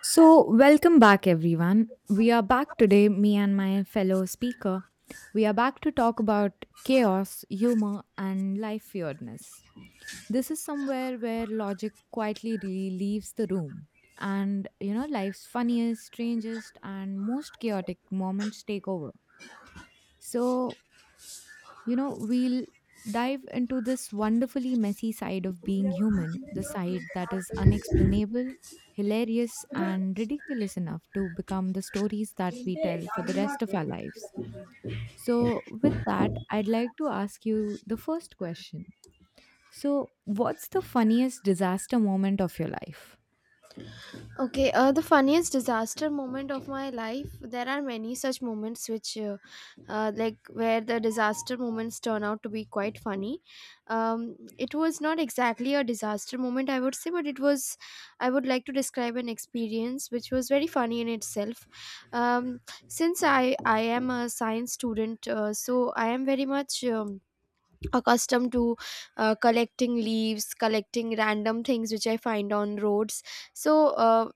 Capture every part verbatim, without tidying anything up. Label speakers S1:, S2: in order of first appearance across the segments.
S1: So, welcome back, everyone. We are back today, me and my fellow speaker. We are back to talk about chaos, humor, and life weirdness. This is somewhere where logic quietly really leaves the room. And, you know, life's funniest, strangest, and most chaotic moments take over. So, you know, we'll dive into this wonderfully messy side of being human, the side that is unexplainable, hilarious, and ridiculous enough to become the stories that we tell for the rest of our lives. So, with that, I'd like to ask you the first question. So, what's the funniest disaster moment of your life?
S2: Okay, uh, the funniest disaster moment of my life. There are many such moments which, uh, uh, like, where the disaster moments turn out to be quite funny. Um, it was not exactly a disaster moment, I would say, but it was, I would like to describe an experience which was very funny in itself. Um, since I, I am a science student, uh, so I am very much. Um, accustomed to uh, collecting leaves, collecting random things which I find on roads. So uh,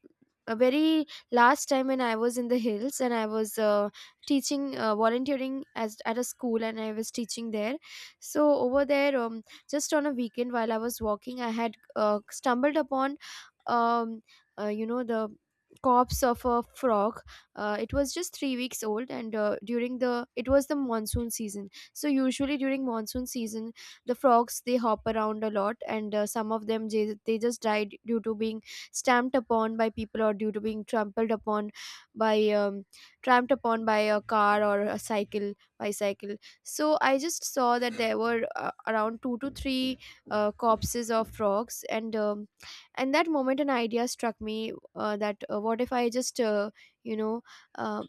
S2: a very Last time when I was in the hills and I was uh, teaching, uh, volunteering as at a school and I was teaching there. So over there, um, just on a weekend while I was walking, I had uh, stumbled upon um, uh, you know the corpse of a frog. Uh, it was just three weeks old, and uh, during the it was the monsoon season. So usually during monsoon season, the frogs, they hop around a lot, and uh, some of them, they, they just died due to being stamped upon by people or due to being trampled upon by um, trampled upon by a car or a cycle, bicycle. So I just saw that there were uh, around two to three uh, corpses of frogs. And um, and that moment an idea struck me, uh, that uh, what if I just uh, you know uh,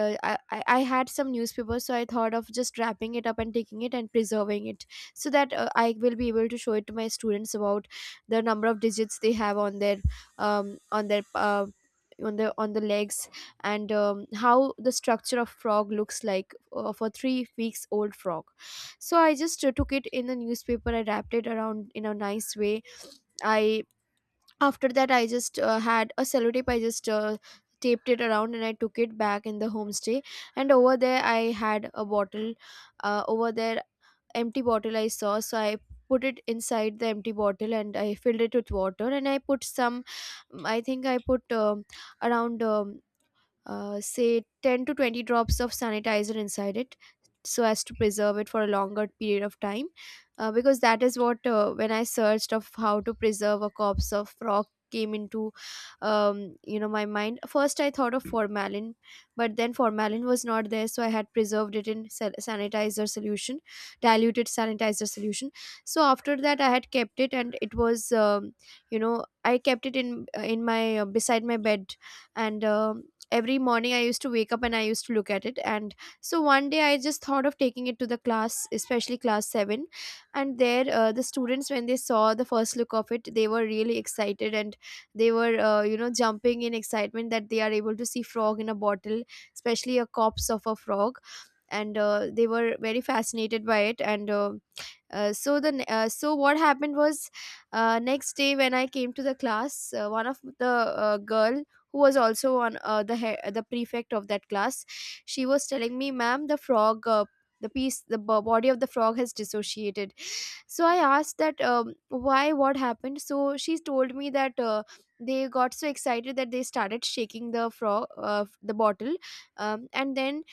S2: uh, I, I I had some newspaper, so I thought of just wrapping it up and taking it and preserving it so that uh, I will be able to show it to my students about the number of digits they have on their, um, on their uh, on the on the legs, and um, how the structure of frog looks like, uh, for three weeks old frog. So I just uh, took it in the newspaper, I wrapped it around in a nice way. I After that, I just uh, had a sellotape. I just uh, taped it around and I took it back in the homestay. And over there, I had a bottle. Uh, over there, Empty bottle I saw, so I put it inside the empty bottle and I filled it with water. And I put some. I think I put um around um, uh, say ten to twenty drops of sanitizer inside it so as to preserve it for a longer period of time, uh, because that is what, uh, when I searched of how to preserve a corpse of frog came into, um, you know my mind. First I thought of formalin, but then formalin was not there, so I had preserved it in sa- sanitizer solution, diluted sanitizer solution. So after that I had kept it, and it was, um, you know I kept it in in my uh, beside my bed. And um Every morning I used to wake up and I used to look at it. And so one day I just thought of taking it to the class, especially class seven. And there, uh, the students, when they saw the first look of it, they were really excited, and they were, uh, you know jumping in excitement that they are able to see frog in a bottle, especially a corpse of a frog. And uh, they were very fascinated by it. And uh, uh, so the ne- uh, so what happened was, uh, next day when I came to the class, uh, one of the uh, girl who was also on, uh, the he- the prefect of that class, she was telling me, "Ma'am, the frog." Uh, the piece the bo- body of the frog has dissociated. So I asked that, um, why, what happened. So she told me that uh, they got so excited that they started shaking the frog, uh, the bottle. Um, and then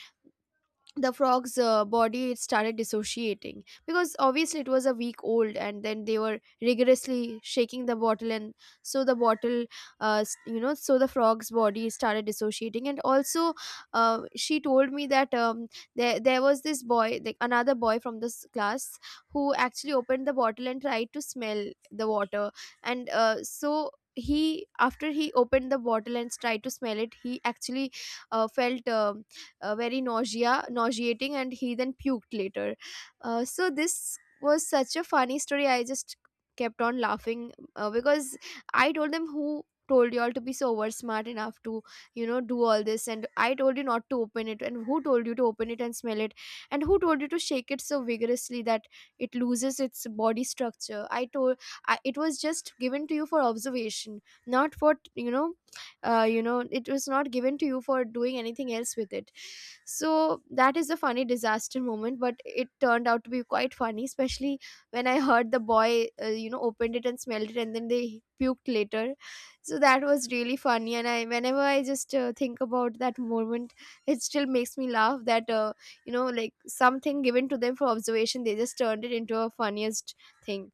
S2: the frog's uh, body, it started dissociating, because obviously it was a week old, and then they were rigorously shaking the bottle. And so the bottle, uh, s- you know so the frog's body started dissociating. And also uh, she told me that, um, there, there was this boy, like another boy from this class who actually opened the bottle and tried to smell the water. And uh, so he, after he opened the bottle and tried to smell it, he actually uh, felt um uh, very nausea nauseating, and he then puked later. Uh, so this was such a funny story, I just kept on laughing, uh, because I told them, who told you all to be so over smart enough to, you know, do all this? And I told you not to open it, and who told you to open it and smell it? And who told you to shake it so vigorously that it loses its body structure? I told, I, it was just given to you for observation, not for, you know uh, you know it was not given to you for doing anything else with it. So that is a funny disaster moment, but it turned out to be quite funny, especially when I heard the boy, uh, you know, opened it and smelled it, and then they puked later. So that was really funny. And I, whenever I just uh, think about that moment, it still makes me laugh. That, uh, you know, like something given to them for observation, they just turned it into a funniest thing.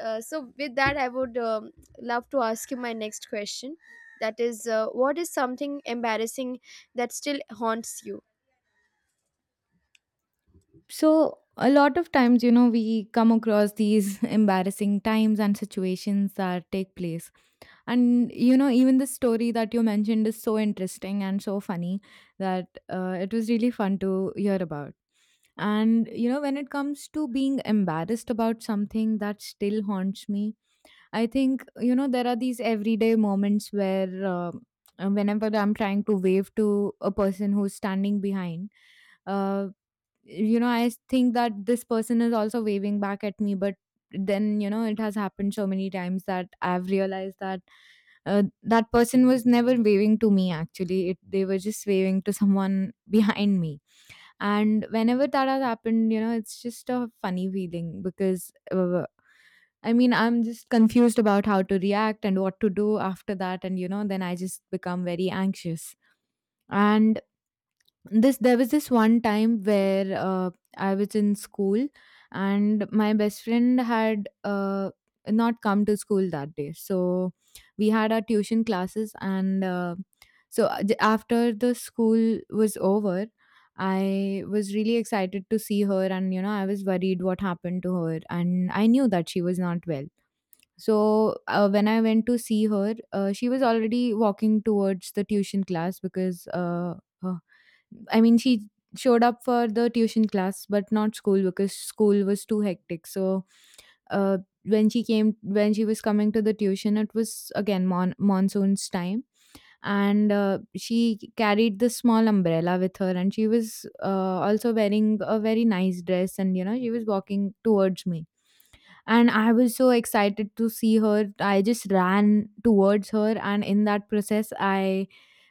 S2: Uh, so with that, I would um, love to ask you my next question. That is, uh, what is something embarrassing that still haunts you?
S1: So, a lot of times, you know, we come across these embarrassing times and situations that take place. And you know, even the story that you mentioned is so interesting and so funny that uh, it was really fun to hear about. And you know, when it comes to being embarrassed about something that still haunts me, I think you know there are these everyday moments where uh, uh, whenever I'm trying to wave to a person who's standing behind, uh, you know, I think that this person is also waving back at me, but then you know it has happened so many times that I've realized that uh, that person was never waving to me, actually it, they were just waving to someone behind me. And whenever that has happened, you know it's just a funny feeling because uh, I mean I'm just confused about how to react and what to do after that, and you know then I just become very anxious. And this there was this one time where uh, I was in school and my best friend had uh, not come to school that day. So we had our tuition classes and uh, so a- j- after the school was over, I was really excited to see her, and you know I was worried what happened to her and I knew that she was not well. So uh, when I went to see her, uh, she was already walking towards the tuition class because uh, I mean, she showed up for the tuition class, but not school because school was too hectic. So, uh, when she came, when she was coming to the tuition, it was again mon- monsoon's time, and uh, she carried this small umbrella with her, and she was uh, also wearing a very nice dress, and you know, she was walking towards me. And I was so excited to see her. I just ran towards her, and in that process, I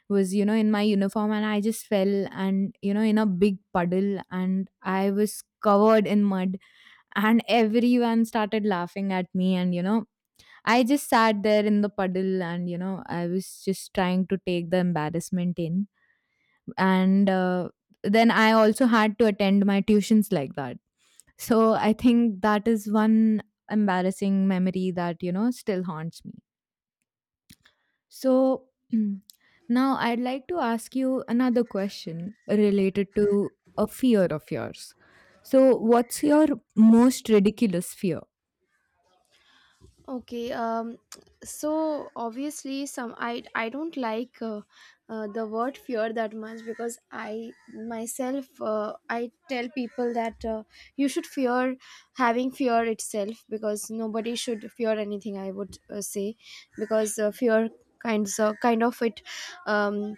S1: was you know in my uniform and I just fell, and you know in a big puddle, and I was covered in mud. And everyone started laughing at me, and you know I just sat there in the puddle, and you know I was just trying to take the embarrassment in. And uh, then I also had to attend my tuitions like that. So I think that is one embarrassing memory that you know still haunts me. So now I'd like to ask you another question related to a fear of yours. So, what's your most ridiculous fear?
S2: Okay, um, so obviously, some I I don't like uh, uh, the word fear that much, because I myself, uh, I tell people that uh, you should fear having fear itself, because nobody should fear anything. I would uh, say, because uh, fear kinds of kind of it, um,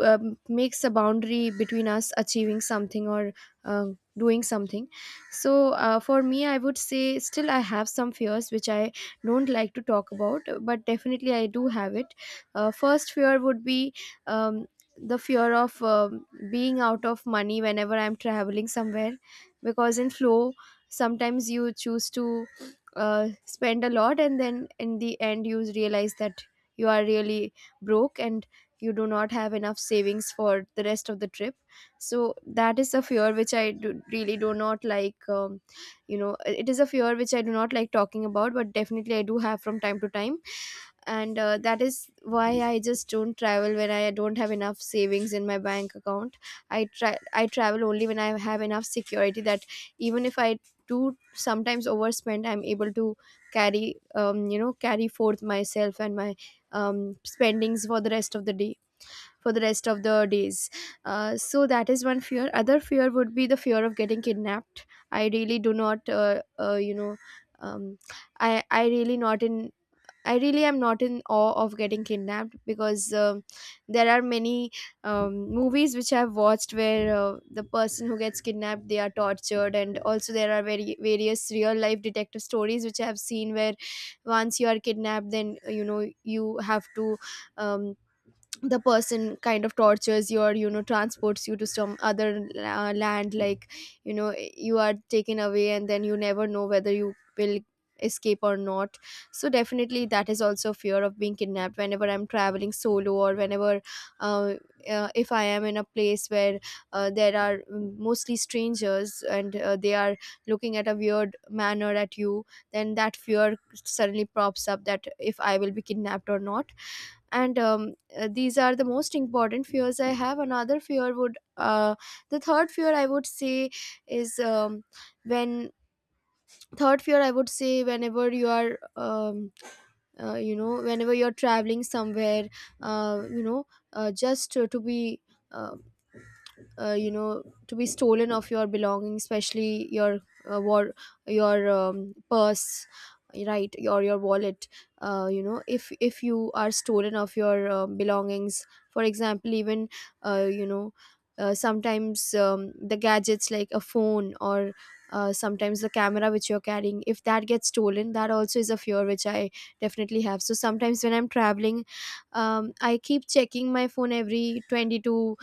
S2: um, makes a boundary between us achieving something or uh, doing something. So uh, for me, I would say, still I have some fears which I don't like to talk about, but definitely I do have it. Uh, first fear would be um, the fear of um, being out of money whenever I'm traveling somewhere. Because in flow, sometimes you choose to uh, spend a lot, and then in the end you realize that you are really broke, and you do not have enough savings for the rest of the trip. So that is a fear which I do, really do not like. um, you know it is a fear which I do not like talking about, but definitely I do have from time to time. And uh, that is why I just don't travel when I don't have enough savings in my bank account. i try I travel only when I have enough security that, even if I do sometimes overspend, I'm able to carry, um, you know carry forth myself and my um, spendings for the rest of the day, for the rest of the days. Uh, so that is one fear. Other fear would be the fear of getting kidnapped. I really do not, uh, uh, you know, um, I I really not in. I really am not in awe of getting kidnapped, because um there are many um, movies which I've watched where uh, the person who gets kidnapped, they are tortured. And also there are very various real life detective stories which I have seen, where once you are kidnapped, then you know you have to, um, the person kind of tortures you, or you know, transports you to some other uh, land, like, you know, you are taken away, and then you never know whether you will escape or not. So definitely that is also fear of being kidnapped whenever I'm traveling solo, or whenever, uh, uh, if I am in a place where uh, there are mostly strangers, and uh, they are looking at a weird manner at you, then that fear suddenly props up, that if I will be kidnapped or not. And um, uh, these are the most important fears I have. Another fear would, uh, the third fear I would say is um, when third fear I would say, whenever you are, um, uh, you know whenever you're traveling somewhere, uh, you know uh, just to, to be, uh, uh, you know to be stolen of your belongings, especially your, uh, war your um, purse, right? Or your wallet. uh, you know if if you are stolen of your um belongings, for example, even, uh, you know uh, sometimes um, the gadgets like a phone or uh, sometimes the camera which you're carrying, if that gets stolen, that also is a fear which I definitely have. So sometimes when I'm traveling, um, I keep checking my phone every twenty to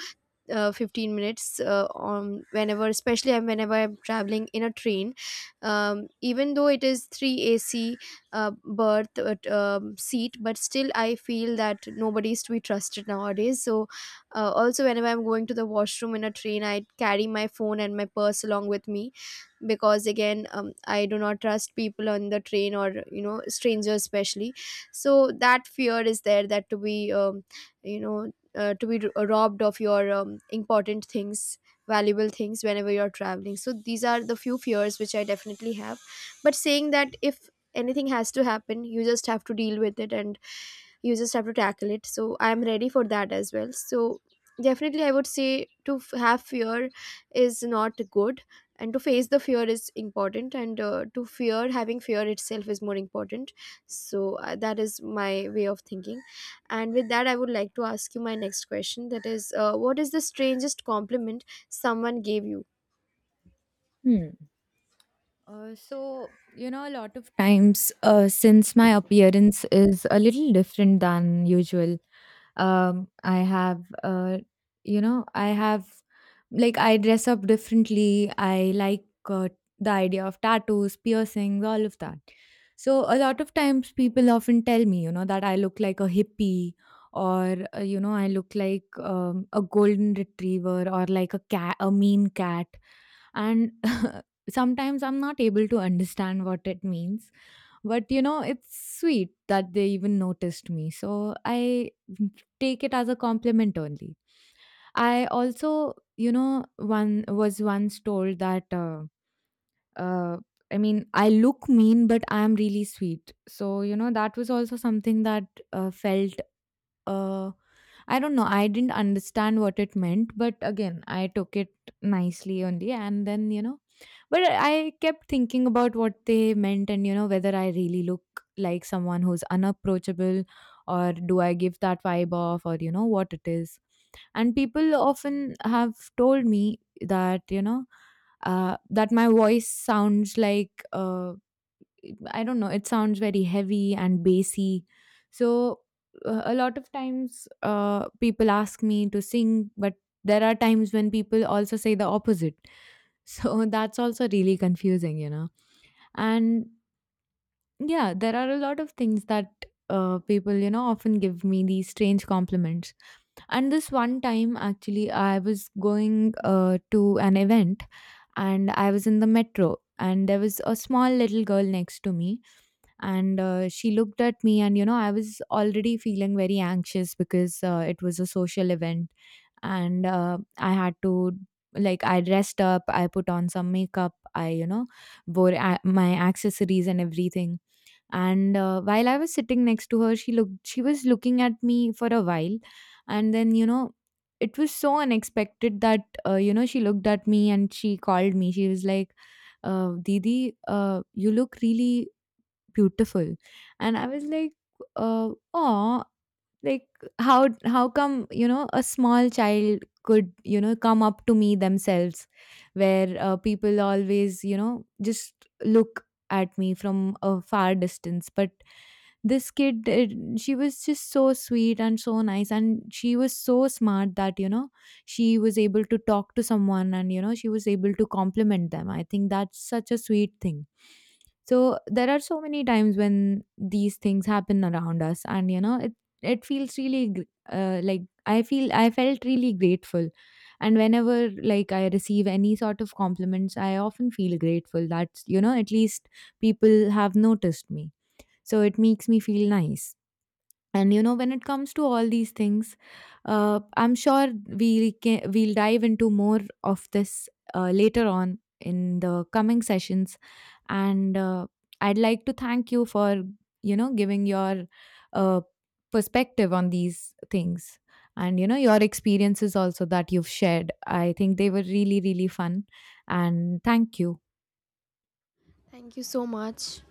S2: uh, fifteen minutes, uh, on whenever especially I'm- whenever I'm traveling in a train, um, even though it is three ac, uh, berth, uh, um, seat, but still I feel that nobody is to be trusted nowadays. So uh, also whenever I'm going to the washroom in a train, I carry my phone and my purse along with me, because again um, I do not trust people on the train, or you know, strangers especially. So that fear is there, that to be, um, you know uh, to be r- robbed of your um, important things, valuable things, whenever you're traveling. So these are the few fears which I definitely have. But saying that, if anything has to happen, you just have to deal with it, and you just have to tackle it. So I'm ready for that as well. So definitely I would say, to f- have fear is not good, and to face the fear is important, and uh, to fear having fear itself is more important. So uh, that is my way of thinking. And with that, I would like to ask you my next question, that is, uh, what is the strangest compliment someone gave you?
S1: Hmm. Uh, so, you know, a lot of times uh, since my appearance is a little different than usual, um, I have, uh, you know, I have like I dress up differently. I like uh, the idea of tattoos, piercings, all of that. So a lot of times people often tell me, you know, that I look like a hippie or uh, you know I look like um, a golden retriever or like a cat, a mean cat. And sometimes I'm not able to understand what it means. But you know, it's sweet that they even noticed me. So I take it as a compliment only. I also, you know, one was once told that uh, uh, I mean, I look mean, but I am really sweet. So you know, that was also something that uh, felt. Uh, I don't know. I didn't understand what it meant, but again, I took it nicely only, and then you know, but I kept thinking about what they meant and, you know, whether I really look like someone who's unapproachable or do I give that vibe off or, you know, what it is. And people often have told me that, you know, uh, that my voice sounds like uh, I don't know, it sounds very heavy and bassy. So, uh, a lot of times uh, people ask me to sing, but there are times when people also say the opposite. So, that's also really confusing, you know. And yeah, there are a lot of things that uh, people, you know, often give me these strange compliments. And this one time, actually, I was going uh, to an event, and I was in the metro, and there was a small little girl next to me. And uh, she looked at me, and you know I was already feeling very anxious because uh, it was a social event. And uh, I had to, like I dressed up, I put on some makeup, I you know wore a- my accessories and everything. And uh, while I was sitting next to her, she looked she was looking at me for a while. And then you know it was so unexpected that uh, you know she looked at me and she called me, she was like uh, didi, uh, you look really beautiful. And I was like, uh, oh, like how how come you know a small child could you know come up to me themselves, where uh, people always you know just look at me from a far distance, but this kid did, she was just so sweet and so nice and she was so smart that you know she was able to talk to someone, and you know she was able to compliment them. I think that's such a sweet thing. So there are so many times when these things happen around us, and you know it it feels really gr- uh, like I feel I felt really grateful. And whenever like I receive any sort of compliments, I often feel grateful that you know at least people have noticed me. So it makes me feel nice. And you know, when it comes to all these things, uh, I'm sure we can, we'll dive into more of this uh, later on in the coming sessions. And uh, I'd like to thank you for you know giving your uh, perspective on these things and you know your experiences also that you've shared. I think they were really really fun. And thank you.
S2: Thank you so much.